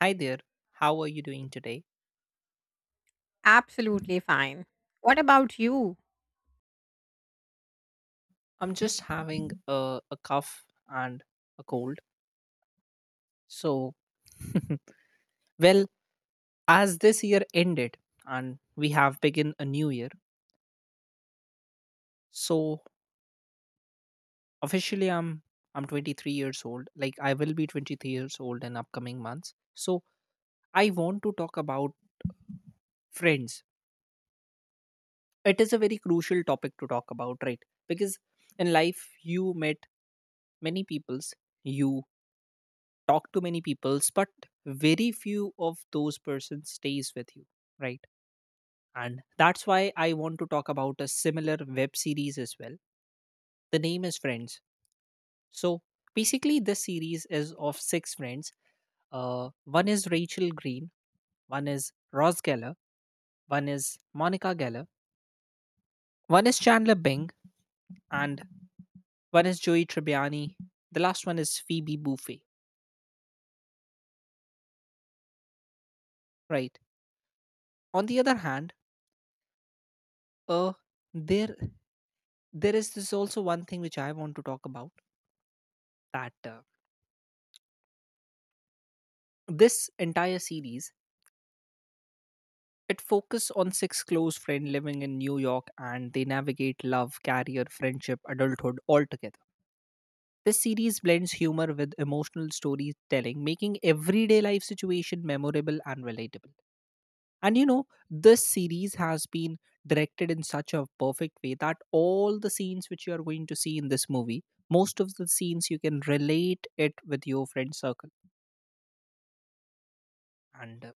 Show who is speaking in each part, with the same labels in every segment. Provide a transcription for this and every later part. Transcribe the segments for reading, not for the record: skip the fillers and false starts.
Speaker 1: Hi there, how are you doing today?
Speaker 2: Absolutely fine. What about you?
Speaker 1: I'm just having a cough and a cold. So, well, as this year ended and we have begun a new year, so officially I'm 23 years old. Like I will be 23 years old in upcoming months. So I want to talk about friends. It is a very crucial topic to talk about, right? Because in life you met many peoples. You talk to many peoples, but very few of those persons stays with you, right? And that's why I want to talk about a similar web series as well. The name is Friends. So basically this series is of six friends. uh, One is Rachel Green, one is Ross Geller, one is Monica Geller, one is Chandler Bing, and one is Joey Tribbiani. The last one is Phoebe Buffay, right? On the other hand, uh, there there is this also one thing which I want to talk about, that this entire series, it focuses on six close friends living in New York, and they navigate love, career, friendship, adulthood all together. This series blends humor with emotional storytelling, making everyday life situation memorable and relatable. And you know, this series has been directed in such a perfect way that all the scenes which you are going to see in this movie, most of the scenes you can relate it with your friend circle. And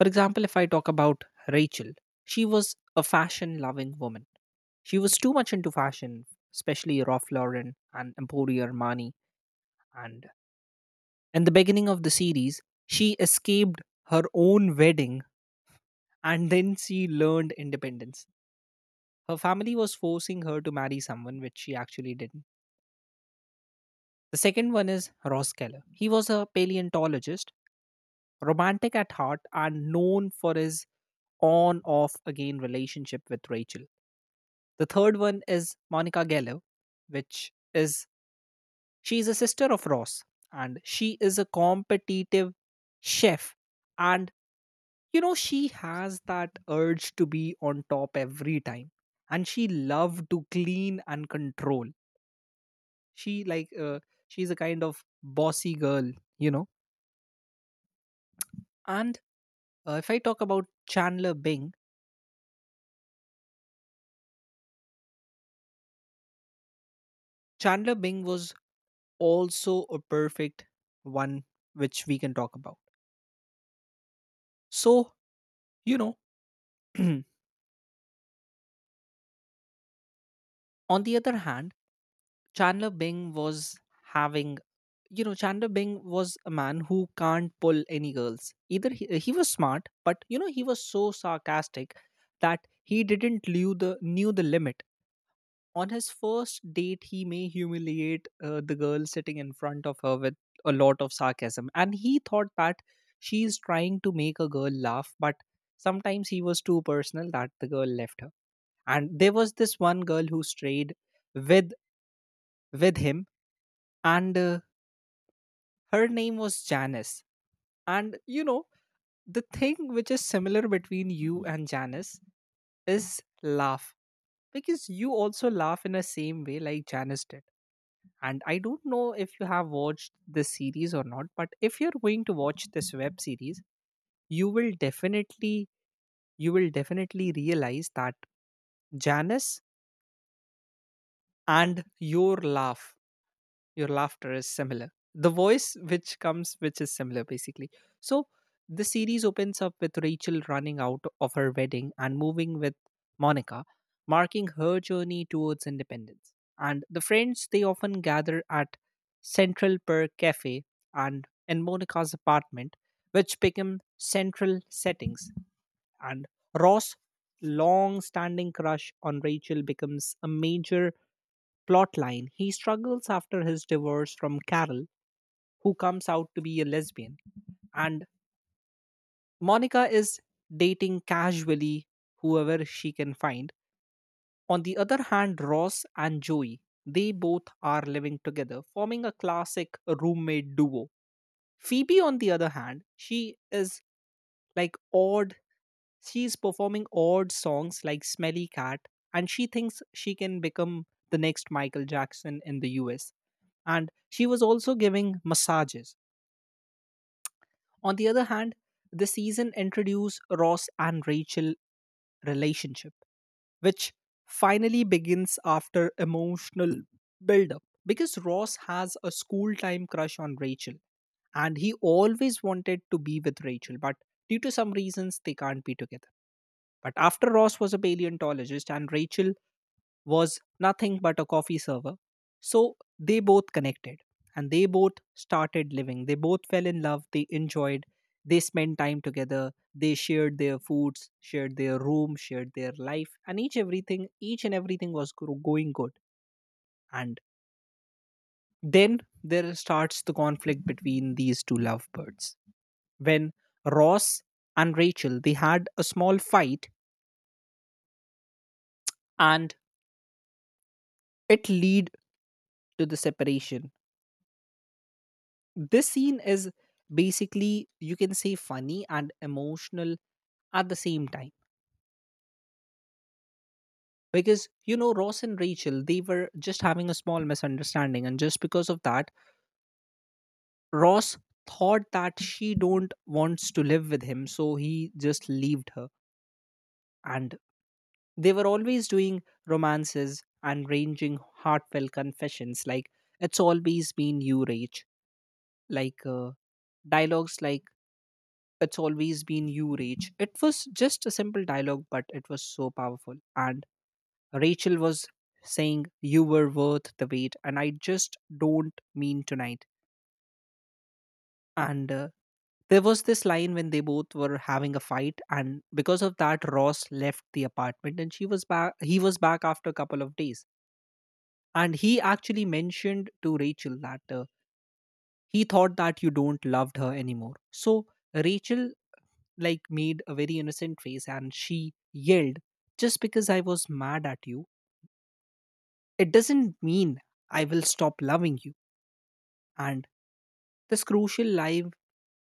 Speaker 1: For example, if I talk about Rachel, she was a fashion loving woman. She was too much into fashion, especially Ralph Lauren and Emporio Armani. And in the beginning of the series, she escaped her own wedding, and then she learned independence. Her family was forcing her to marry someone which she actually didn't. The second one is Ross Keller. He was a paleontologist, romantic at heart, and known for his on off again relationship with Rachel. The third one is Monica Geller, which is, she's a sister of Ross, and she is a competitive chef. And you know, she has that urge to be on top every time. And she love to clean and control. She like, she's a kind of bossy girl, you know. And if I talk about Chandler Bing, Chandler Bing was also a perfect one which we can talk about. So, you know, on the other hand, Chandler Bing was having, you know, Chandler Bing was a man who can't pull any girls. Either he was smart, but you know, he was so sarcastic that he didn't knew the limit. On his first date, he may humiliate the girl sitting in front of her with a lot of sarcasm, and he thought that she's trying to make a girl laugh. But sometimes he was too personal that the girl left her. And there was this one girl who strayed with him and her name was Janice. And you know, the thing which is similar between you and Janice is laugh, because you also laugh in the same way like Janice did. And I don't know if you have watched this series or not, but if you're going to watch this web series, you will definitely realize that Janice and your laugh, your laughter is similar, the voice which comes which is similar basically. So the series opens up with Rachel running out of her wedding and moving with Monica, marking her journey towards independence. And the friends, they often gather at Central Perk cafe and in Monica's apartment, which become central settings. And Ross' long standing crush on Rachel becomes a major plot line. He struggles after his divorce from Carol, who comes out to be a lesbian. And Monica is dating casually whoever she can find. On the other hand, Ross and Joey, they both are living together, forming a classic roommate duo. Phoebe, on the other hand, she is like odd, she's performing odd songs like Smelly Cat, and she thinks she can become the next Michael Jackson in the US. And she was also giving massages. On the other hand, the season introduced Ross and Rachel relationship, which finally begins after emotional build up. Because Ross has a school time crush on Rachel, and he always wanted to be with Rachel, but due to some reasons, they can't be together. But after Ross was a paleontologist and Rachel was nothing but a coffee server. So they both connected and they both started living. They both fell in love. They enjoyed. They spent time together. They shared their foods, shared their room, shared their life, and each everything, each and everything was going good. And then there starts the conflict between these two lovebirds. When Ross and Rachel, they had a small fight, and it lead to the separation. This scene is basically, you can say, funny and emotional at the same time, because you know, Ross and Rachel, they were just having a small misunderstanding, and just because of that, Ross thought that she don't wants to live with him, so he just leaved her. And they were always doing romances and ranging heartfelt confessions like, "It's always been you, Rach." Like, dialogues like, "It's always been you, Rach." It was just a simple dialogue, but it was so powerful. And Rachel was saying, "You were worth the wait, and I just don't mean tonight." And there was this line when they both were having a fight, and because of that Ross left the apartment, and she was back, he was back after a couple of days, and he actually mentioned to Rachel that he thought that you don't loved her anymore. So Rachel, like, made a very innocent face, and she yelled, "Just because I was mad at you, it doesn't mean I will stop loving you." And this crucial live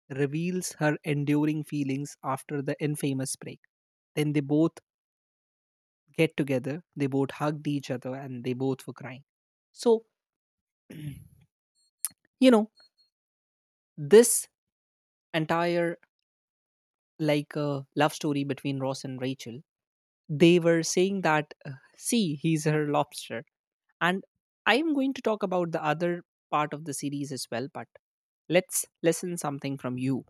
Speaker 1: reveals her enduring feelings after the infamous break. Then they both get together, they both hugged each other, and they both were crying. So, you know, this entire, like, love story between Ross and Rachel, they were saying that, see, he's her lobster. And I am going to talk about the other part of the series as well, but let's listen something from you.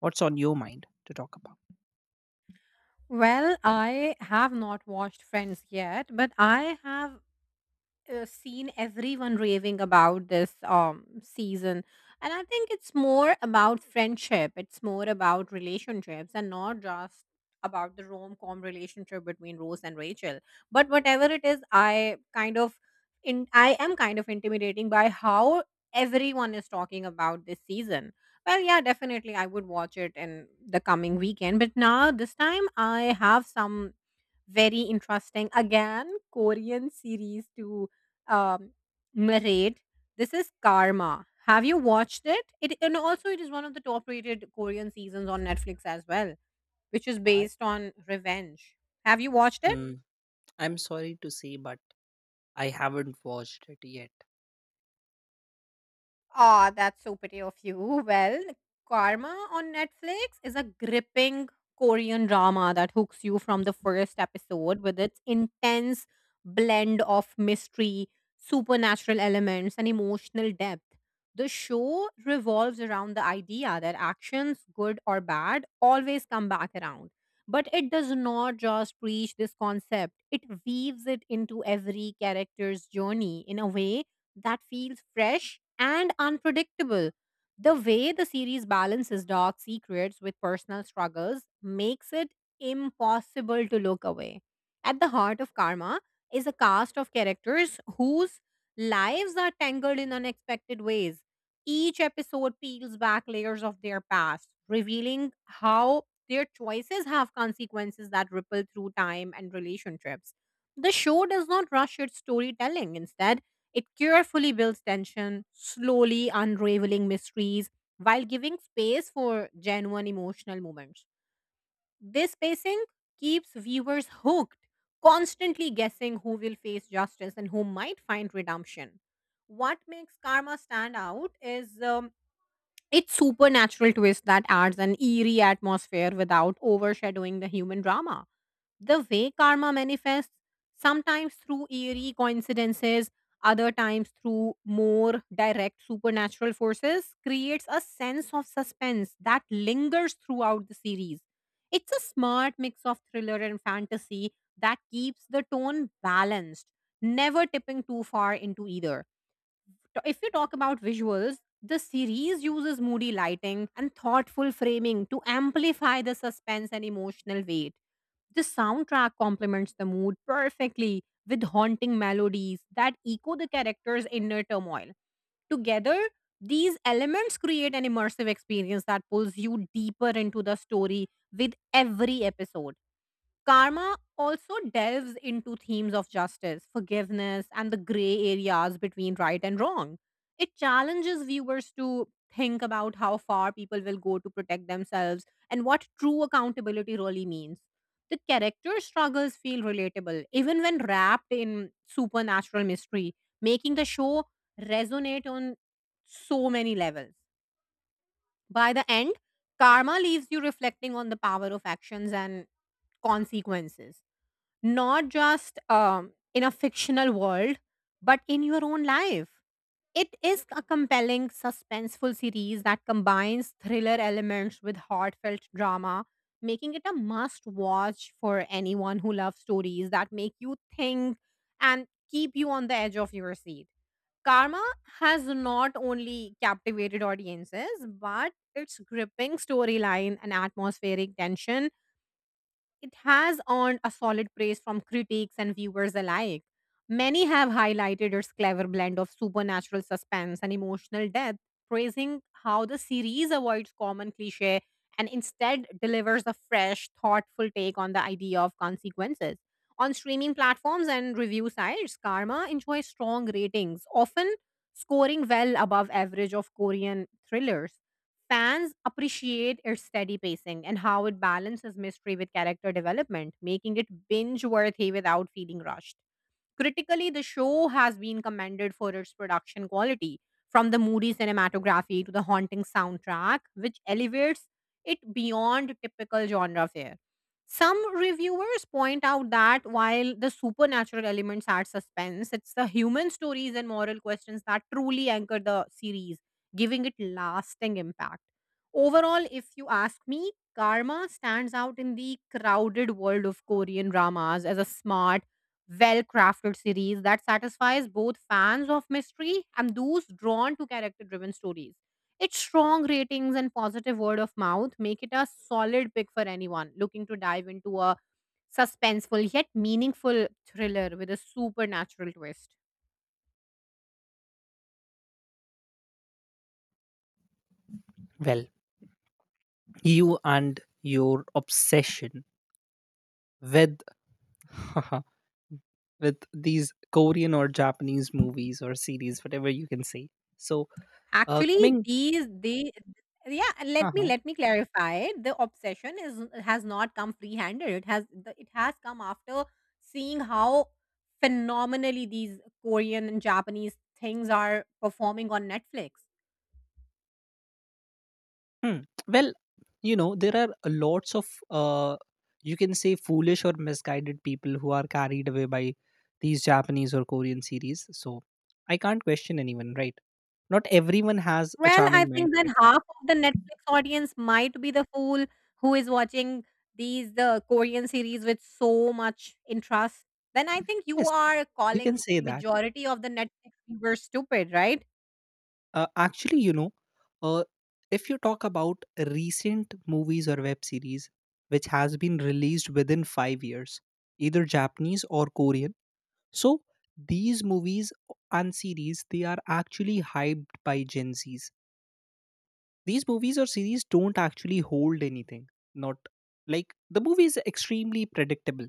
Speaker 1: What's on your mind to talk about?
Speaker 2: Well, I have not watched Friends yet, but I have seen everyone raving about this season, and I think it's more about friendship, it's more about relationships and not just about the rom-com relationship between Rose and Rachel. But whatever it is, I kind of in I am kind of intimidating by how everyone is talking about this season. Well, yeah, definitely I would watch it in the coming weekend, but now this time I have some very interesting again Korean series to um, Marade. This is Karma. Have you watched it? It, and also it is one of the top-rated Korean seasons on Netflix as well, which is
Speaker 1: I,
Speaker 2: based on revenge. Have you watched it?
Speaker 1: mm, I'm sorry to say, but I haven't watched it yet.
Speaker 2: Ah, that's so pretty of you. Well, Karma on Netflix is a gripping Korean drama that hooks you from the first episode with its intense blend of mystery, supernatural elements, and emotional depth. The show revolves around the idea that actions, good or bad, always come back around. But it does not just preach this concept, it weaves it into every character's journey in a way that feels fresh and unpredictable. The way the series balances dark secrets with personal struggles makes it impossible to look away. At the heart of Karma is a cast of characters whose lives are tangled in unexpected ways. Each episode peels back layers of their past, revealing how their choices have consequences that ripple through time and relationships. The show does not rush its storytelling. Instead, it carefully builds tension, slowly unraveling mysteries while giving space for genuine emotional moments. This pacing keeps viewers hooked, constantly guessing who will face justice and who might find redemption. What makes Karma stand out is its supernatural twist that adds an eerie atmosphere without overshadowing the human drama. The way karma manifests, sometimes through eerie coincidences, other times through more direct supernatural forces, creates a sense of suspense that lingers throughout the series. It's a smart mix of thriller and fantasy that keeps the tone balanced, never tipping too far into either. So if you talk about visuals, the series uses moody lighting and thoughtful framing to amplify the suspense and emotional weight. The soundtrack complements the mood perfectly with haunting melodies that echo the character's inner turmoil. Together, these elements create an immersive experience that pulls you deeper into the story with every episode. Karma also delves into themes of justice, forgiveness, and the gray areas between right and wrong. It challenges viewers to think about how far people will go to protect themselves and what true accountability really means. The character struggles feel relatable, even when wrapped in supernatural mystery, making the show resonate on so many levels. By the end, karma leaves you reflecting on the power of actions and consequences, not just in a fictional world, but in your own life. It is a compelling, suspenseful series that combines thriller elements with heartfelt drama, making it a must watch for anyone who loves stories that make you think and keep you on the edge of your seat. Karma has not only captivated audiences, but its gripping storyline and atmospheric tension, it has earned a solid praise from critics and viewers alike. Many have highlighted its clever blend of supernatural suspense and emotional depth, praising how the series avoids common cliche and instead delivers a fresh, thoughtful take on the idea of consequences. On streaming platforms and review sites, Karma enjoys strong ratings, often scoring well above average of Korean thrillers. Fans appreciate its steady pacing and how it balances mystery with character development, making it binge worthy without feeling rushed. Critically, the show has been commended for its production quality, from the moody cinematography to the haunting soundtrack, which elevates it beyond typical genre fare. Some reviewers point out that while the supernatural elements add suspense, it's the human stories and moral questions that truly anchor the series, giving it lasting impact. Overall, if you ask me, Karma stands out in the crowded world of Korean dramas as a smart, well crafted series that satisfies both fans of mystery and those drawn to character driven stories. Its strong ratings and positive word of mouth make it a solid pick for anyone looking to dive into a suspenseful yet meaningful thriller with a supernatural twist.
Speaker 1: Well, you and your obsession with with these Korean or Japanese movies or series, whatever you can say. So
Speaker 2: Actually,
Speaker 1: coming
Speaker 2: these they yeah, let me clarify. The obsession is has not come free-handed. It has it has come after seeing how phenomenally these Korean and Japanese things are performing on Netflix.
Speaker 1: Hmm. Well, you know, there are lots of, you can say, foolish or misguided people who are carried away by these Japanese or Korean series. So I can't question anyone, right? Not everyone has a
Speaker 2: Well, I
Speaker 1: charming
Speaker 2: think
Speaker 1: mindset.
Speaker 2: that half of the Netflix audience might be the fool who is watching the Korean series with so much interest. Then I think you
Speaker 1: Yes,
Speaker 2: are
Speaker 1: you can
Speaker 2: calling
Speaker 1: say that.
Speaker 2: majority of the Netflix viewers stupid, right?
Speaker 1: Actually, you know, uh, if you talk about recent movies or web series which has been released within five years, either Japanese or Korean, so these movies and series, they are actually hyped by Gen Zs. These movies or series don't actually hold anything. Not like, the movie is extremely predictable.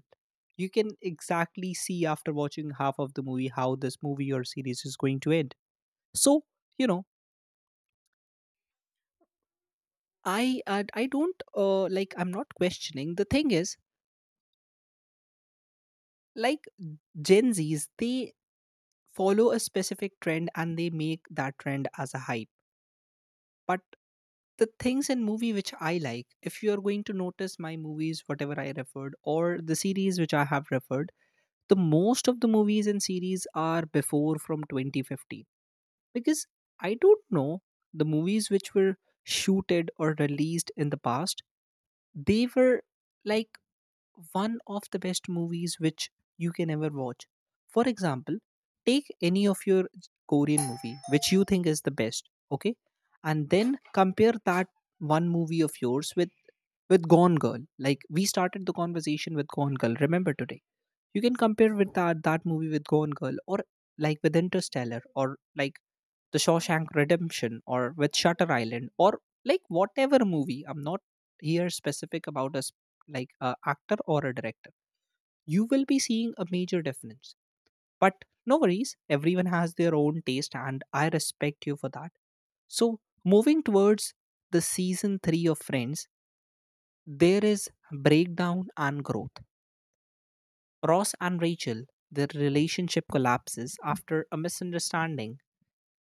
Speaker 1: You can exactly see, after watching half of the movie, how this movie or series is going to end. So you know, I don't, like, I'm not questioning. The thing is, like, Gen Zs, they follow a specific trend and they make that trend as a hype. But the things in movie which I like, if you are going to notice my movies, whatever I referred, or the series which I have referred, the most of the movies and series are before from 2015. Because I don't know, the movies which were shooted or released in the past, they were like one of the best movies which you can ever watch. For example, take any of your Korean movie which you think is the best, okay? And then compare that one movie of yours with Gone Girl. Like, we started the conversation with Gone Girl, remember, today. You can compare with that movie with Gone Girl, or like with Interstellar, or like the Shawshank Redemption, or with Shutter Island, or like whatever movie. I'm not here specific about us like a actor or a director. You will be seeing a major difference. But no worries, everyone has their own taste, and I respect you for that. So, moving towards the season 3 of Friends, there is breakdown and growth. Ross and Rachel, their relationship collapses after a misunderstanding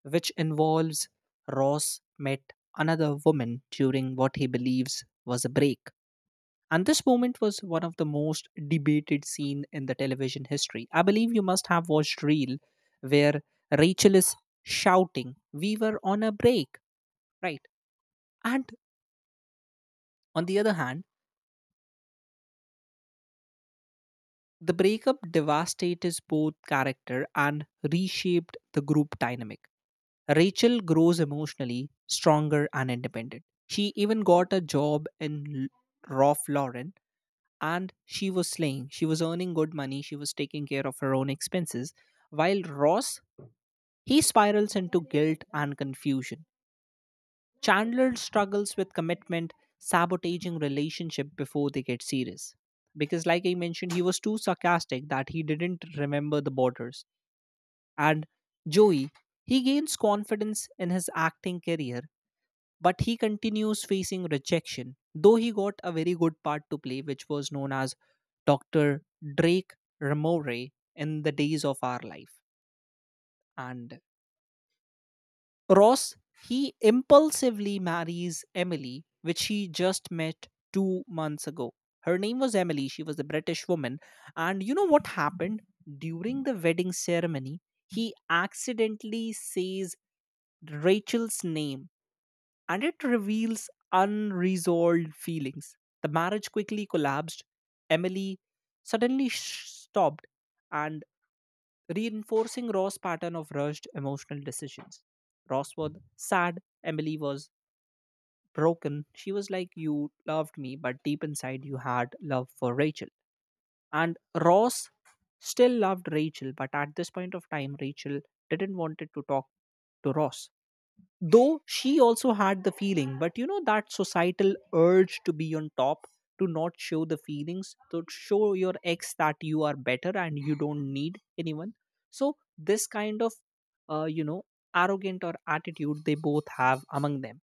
Speaker 1: which involves Ross met another woman during what he believes was a break. And this moment was one of the most debated scene in the television history. I believe you must have watched Reel where Rachel is shouting, "We were on a break," right? And on the other hand, the breakup devastated both character and reshaped the group dynamic. Rachel grows emotionally stronger and independent. She even got a job in Ralph Lauren and she was slaying. She was earning good money. She was taking care of her own expenses. While Ross, he spirals into guilt and confusion. Chandler struggles with commitment, sabotaging relationship before they get serious. Because, like I mentioned, he was too sarcastic that he didn't remember the borders. And Joey, he gains confidence in his acting career, but he continues facing rejection, though he got a very good part to play, which was known as Dr. Drake Ramore in the days of our life. And Ross, he impulsively marries Emily, which he just met 2 months ago. Her name was Emily, she was a British woman. And you know what happened? During the wedding ceremony, he accidentally says Rachel's name, and it reveals unresolved feelings. The marriage quickly collapsed. Emily suddenly stopped and reinforcing Ross' pattern of rushed emotional decisions. Ross was sad, Emily was broken. She was like, "You loved me, but deep inside you had love for Rachel." And Ross still loved Rachel, but at this point of time, Rachel didn't want it to talk to Ross. Though she also had the feeling, but you know, that societal urge to be on top, to not show the feelings, to show your ex that you are better and you don't need anyone. So, this kind of, uh, you know, arrogant or attitude they both have among them.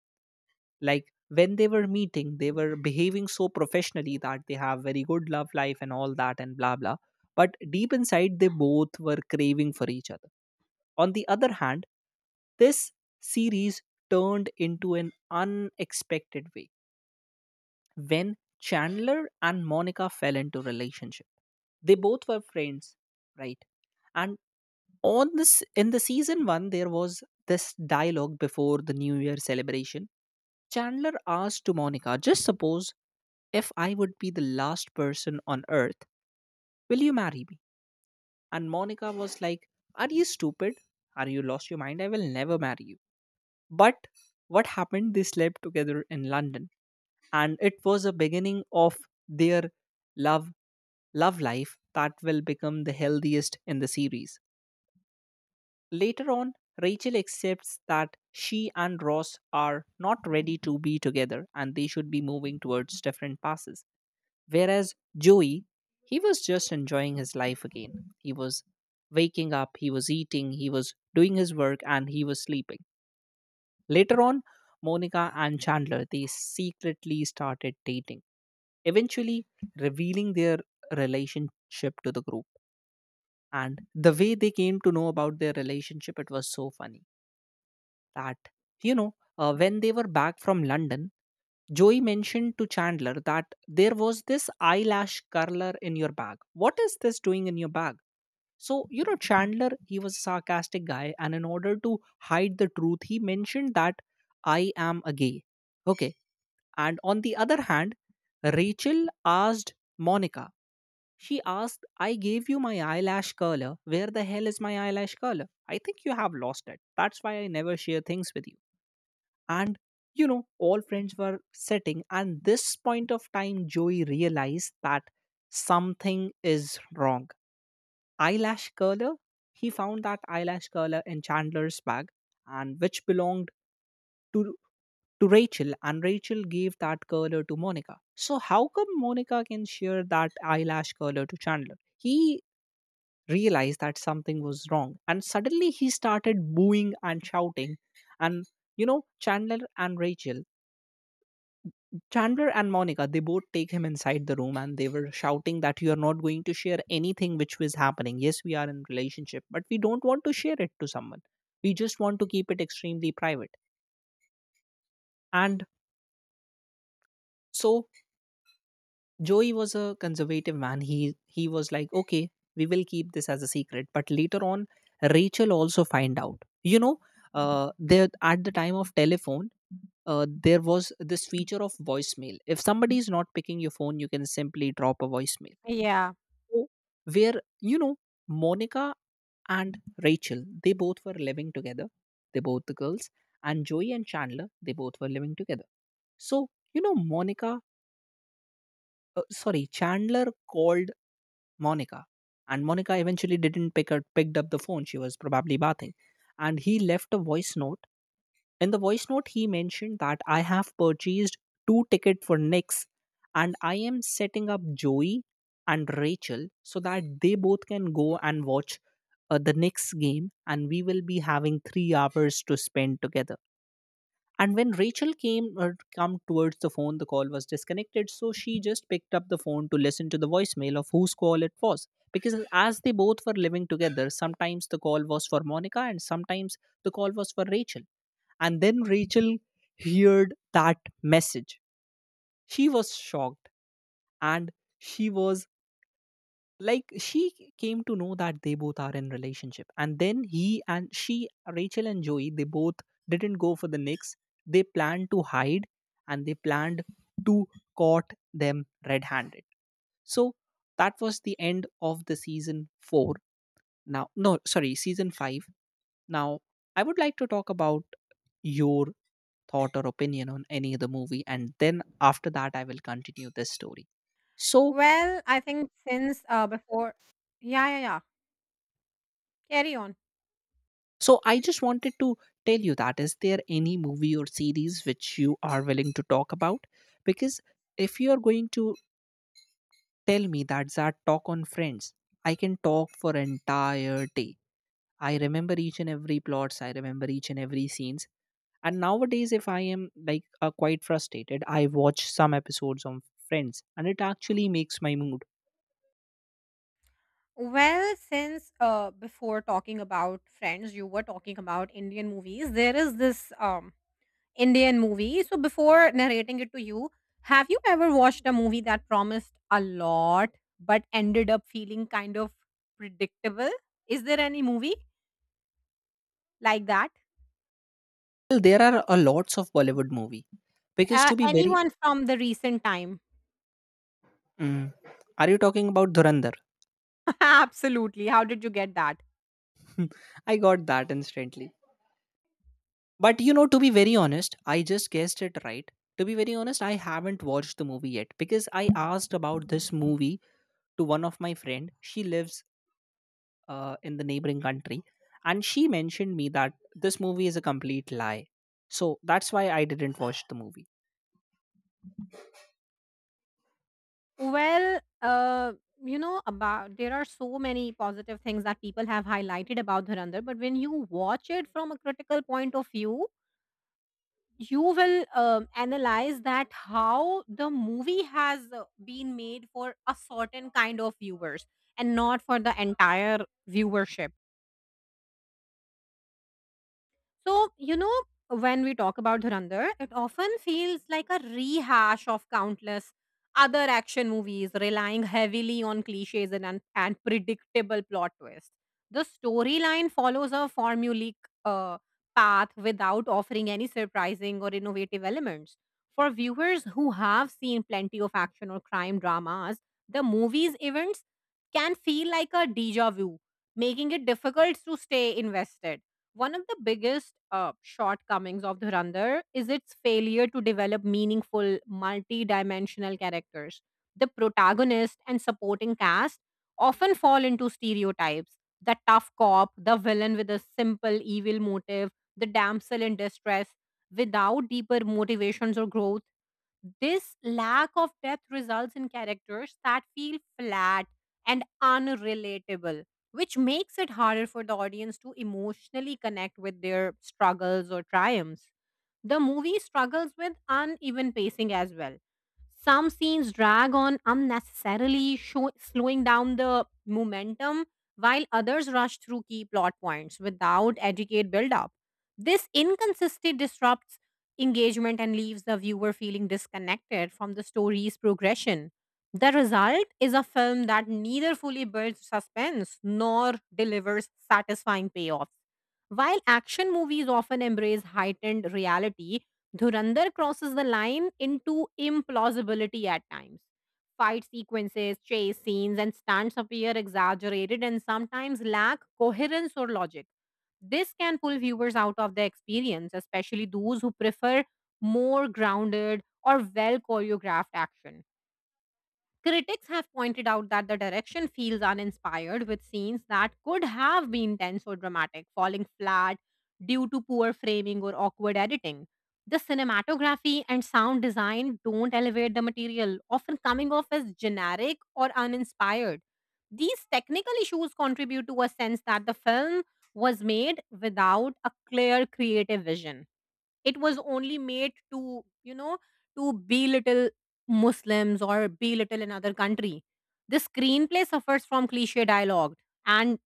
Speaker 1: Like when they were meeting, they were behaving so professionally that they have very good love life and all that and blah blah. But deep inside, they both were craving for each other. On the other hand, this series turned into an unexpected way when Chandler and Monica fell into relationship. They both were friends, right? And on this in the season 1 there was this dialogue before the new year celebration. Chandler asked to Monica, "Just suppose if I would be the last person on earth, will you marry me?" And Monica was like, "Are you stupid? Are you lost your mind? I will never marry you." But what happened? They slept together in London, and it was a beginning of their love love life that will become the healthiest in the series. Later on, Rachel accepts that she and Ross are not ready to be together and they should be moving towards different passes. Whereas Joey, he was just enjoying his life again. He was waking up, he was eating, he was doing his work, and he was sleeping. Later on, Monica and Chandler they secretly started dating, eventually revealing their relationship to the group. And the way they came to know about their relationship, it was so funny that, you know, when they were back from London, Joey mentioned to Chandler that there was this eyelash curler in your bag. What is this doing in your bag? So, you know, Chandler, he was a sarcastic guy, and in order to hide the truth, he mentioned that I am a gay. Okay. And on the other hand, Rachel asked Monica, she asked, I gave you my eyelash curler. Where the hell is my eyelash curler? I think you have lost it. That's why I never share things with you. And, you know, all friends were sitting. And this point of time, Joey realized that something is wrong. Eyelash curler. He found that eyelash curler in Chandler's bag, and which belonged to to Rachel, and Rachel gave that curler to Monica. So how come Monica can share that eyelash curler to Chandler? He realized that something was wrong, and suddenly he started booing and shouting, and you know, Chandler and Monica, they both take him inside the room and they were shouting that you are not going to share anything which was happening. Yes, we are in relationship, but we don't want to share it to someone. We just want to keep it extremely private. And so Joey was a conservative man. He was like, okay, we will keep this as a secret. But later on, Rachel also find out. You know, there at the time of telephone, there was this feature of voicemail. If somebody is not picking your phone, you can simply drop a voicemail.
Speaker 2: Yeah.
Speaker 1: So, where you know Monica and Rachel, they both were living together. They both the girls and Joey and Chandler, they both were living together. So you know Monica sorry, Chandler called Monica, and Monica eventually didn't pick up, picked up the phone. She was probably bathing, and he left a voice note. In the voice note, he mentioned that I have purchased two tickets for Knicks, and I am setting up Joey and Rachel so that they both can go and watch the Knicks game, and we will be having 3 hours to spend together. And when Rachel came come towards the phone, the call was disconnected, so she just picked up the phone to listen to the voicemail of whose call it was. Because as they both were living together, sometimes the call was for Monica and sometimes the call was for Rachel. And then Rachel heard that message. She was shocked and she was like she came to know that they both are in relationship and then he and she Rachel and Joey they both didn't go for the Knicks. They planned to hide and they planned to caught them red-handed. So that was the end of the season four, now no sorry season five. Now I would like to talk about your thought or opinion on any of the movie and then after that I will continue this story. so
Speaker 2: Well, I think since before, yeah, yeah, yeah, carry on.
Speaker 1: So I just wanted to tell you that is there any movie or series which you are willing to talk about? Because if you are going to tell me that talk on Friends, I can talk for entire day. I remember each and every plots. I remember each and every scenes. And nowadays, if I am like quite frustrated, I watch some episodes on Friends, and it actually makes my mood.
Speaker 2: Well, since before talking about Friends, you were talking about Indian movies. There is this Indian movie. So before narrating it to you, have you ever watched a movie that promised a lot but ended up feeling kind of predictable? Is there any movie like that?
Speaker 1: Well, there are a lots of Bollywood movie because to be very,
Speaker 2: Anyone from the recent time?
Speaker 1: mm, are you talking about Dhurandhar?
Speaker 2: Absolutely. How did you get that?
Speaker 1: I got that instantly. But you know, to be very honest, I just guessed it right. To be very honest, I haven't watched the movie yet because I asked about this movie to one of my friend. She lives in the neighboring country, and she mentioned me that this movie is a complete lie. So that's why I didn't watch the movie.
Speaker 2: Well, you know, about there are so many positive things that people have highlighted about Dhurandhar, but when you watch it from a critical point of view, you will analyze that how the movie has been made for a certain kind of viewers and not for the entire viewership. So, you know, when we talk about Dhurandhar, it often feels like a rehash of countless other action movies, relying heavily on cliches and predictable plot twists. The storyline follows a formulaic uh, path without offering any surprising or innovative elements. For viewers who have seen plenty of action or crime dramas, the movie's events can feel like a deja vu, making it difficult to stay invested. One of the biggest shortcomings of Dhurandhar is its failure to develop meaningful, multi-dimensional characters. The protagonist and supporting cast often fall into stereotypes: the tough cop, the villain with a simple evil motive, the damsel in distress, without deeper motivations or growth. This lack of depth results in characters that feel flat and unrelatable, which makes it harder for the audience to emotionally connect with their struggles or triumphs. The movie struggles with uneven pacing as well. Some scenes drag on unnecessarily, slowing down the momentum, while others rush through key plot points without educate build-up. This inconsistency disrupts engagement and leaves the viewer feeling disconnected from the story's progression. The result is a film that neither fully builds suspense nor delivers satisfying payoffs. While action movies often embrace heightened reality, Dhurandhar crosses the line into implausibility at times. Fight sequences, chase scenes, and stunts appear exaggerated and sometimes lack coherence or logic. This can pull viewers out of the experience, especially those who prefer more grounded or well choreographed action. Critics have pointed out that the direction feels uninspired, with scenes that could have been tense or dramatic falling flat due to poor framing or awkward editing. The cinematography and sound design don't elevate the material, often coming off as generic or uninspired. These technical issues contribute to a sense that the film was made without a clear creative vision. It was only made to, you know, to belittle Muslims or belittle another country. The screenplay suffers from cliche dialogue and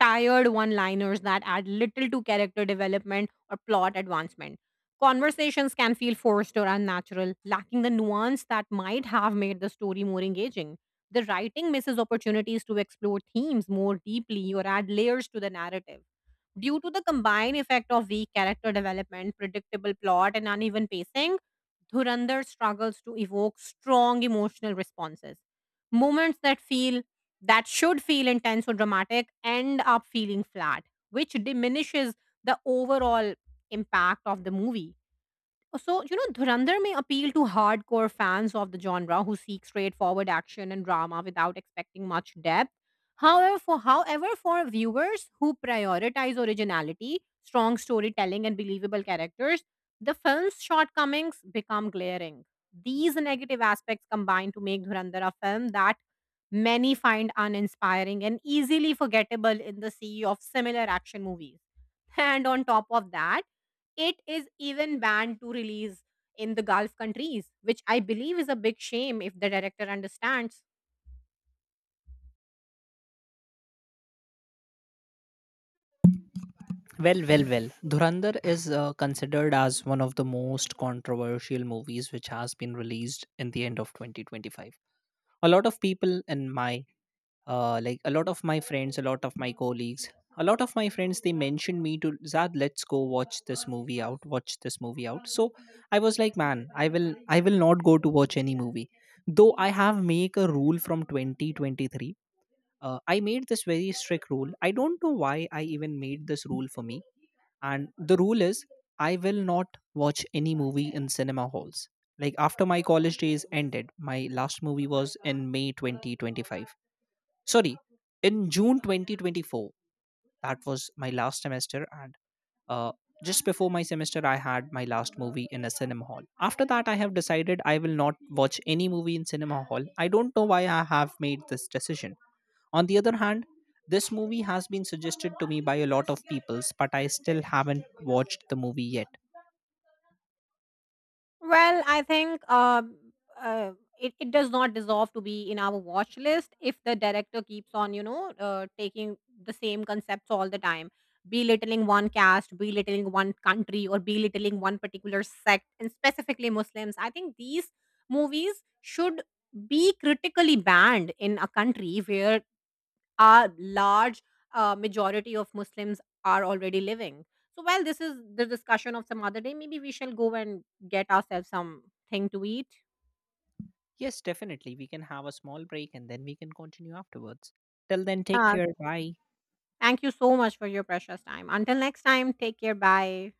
Speaker 2: tired one liners that add little to character development or plot advancement. Conversations can feel forced or unnatural, lacking the nuance that might have made the story more engaging. The writing misses opportunities to explore themes more deeply or add layers to the narrative. Due to the combined effect of weak character development, predictable plot, and uneven pacing, Dhurandhar struggles to evoke strong emotional responses. Moments that feel that should feel intense or dramatic end up feeling flat, which diminishes the overall impact of the movie. So, you know, Dhurandhar may appeal to hardcore fans of the genre who seek straightforward action and drama without expecting much depth. However, however, for viewers who prioritize originality, strong storytelling, and believable characters, the film's shortcomings become glaring. These negative aspects combine to make Dhurandhar a film that many find uninspiring and easily forgettable in the sea of similar action movies. And on top of that, it is even banned to release in the Gulf countries, which I believe is a big shame if the director understands.
Speaker 1: Well, well, well. Dhurandhar is considered as one of the most controversial movies which has been released in the end of 2025. A lot of people in my like a lot of my friends, a lot of my friends, they mentioned me to Zad, let's go watch this movie out, watch this movie out. So I was like, man, I will not go to watch any movie. Though I have make a rule from 2023, I made this very strict rule. I don't know why I even made this rule for me. And the rule is, I will not watch any movie in cinema halls. Like after my college days ended, my last movie was in May 2025 sorry in June 2024. That was my last semester and, uh, just before my semester I had my last movie in a cinema hall. After that I have decided I will not watch any movie in cinema hall. I don't know why I have made this decision. On the other hand, this movie has been suggested to me by a lot of peoples but I still haven't watched the movie yet.
Speaker 2: Well, I think uh, it does not deserve to be in our watch list if the director keeps on, you know, taking the same concepts all the time, belittling one caste, belittling one country, or belittling one particular sect, and specifically Muslims. I think these movies should be critically banned in a country where a large majority of Muslims are already living. So while this is the discussion of some other day, maybe we shall go and get ourselves something to eat.
Speaker 1: Yes, definitely we can have a small break and then we can continue afterwards. Till then, take
Speaker 2: Uh,
Speaker 1: care, bye.
Speaker 2: Thank you so much for your precious time. Until next time, take care. Bye.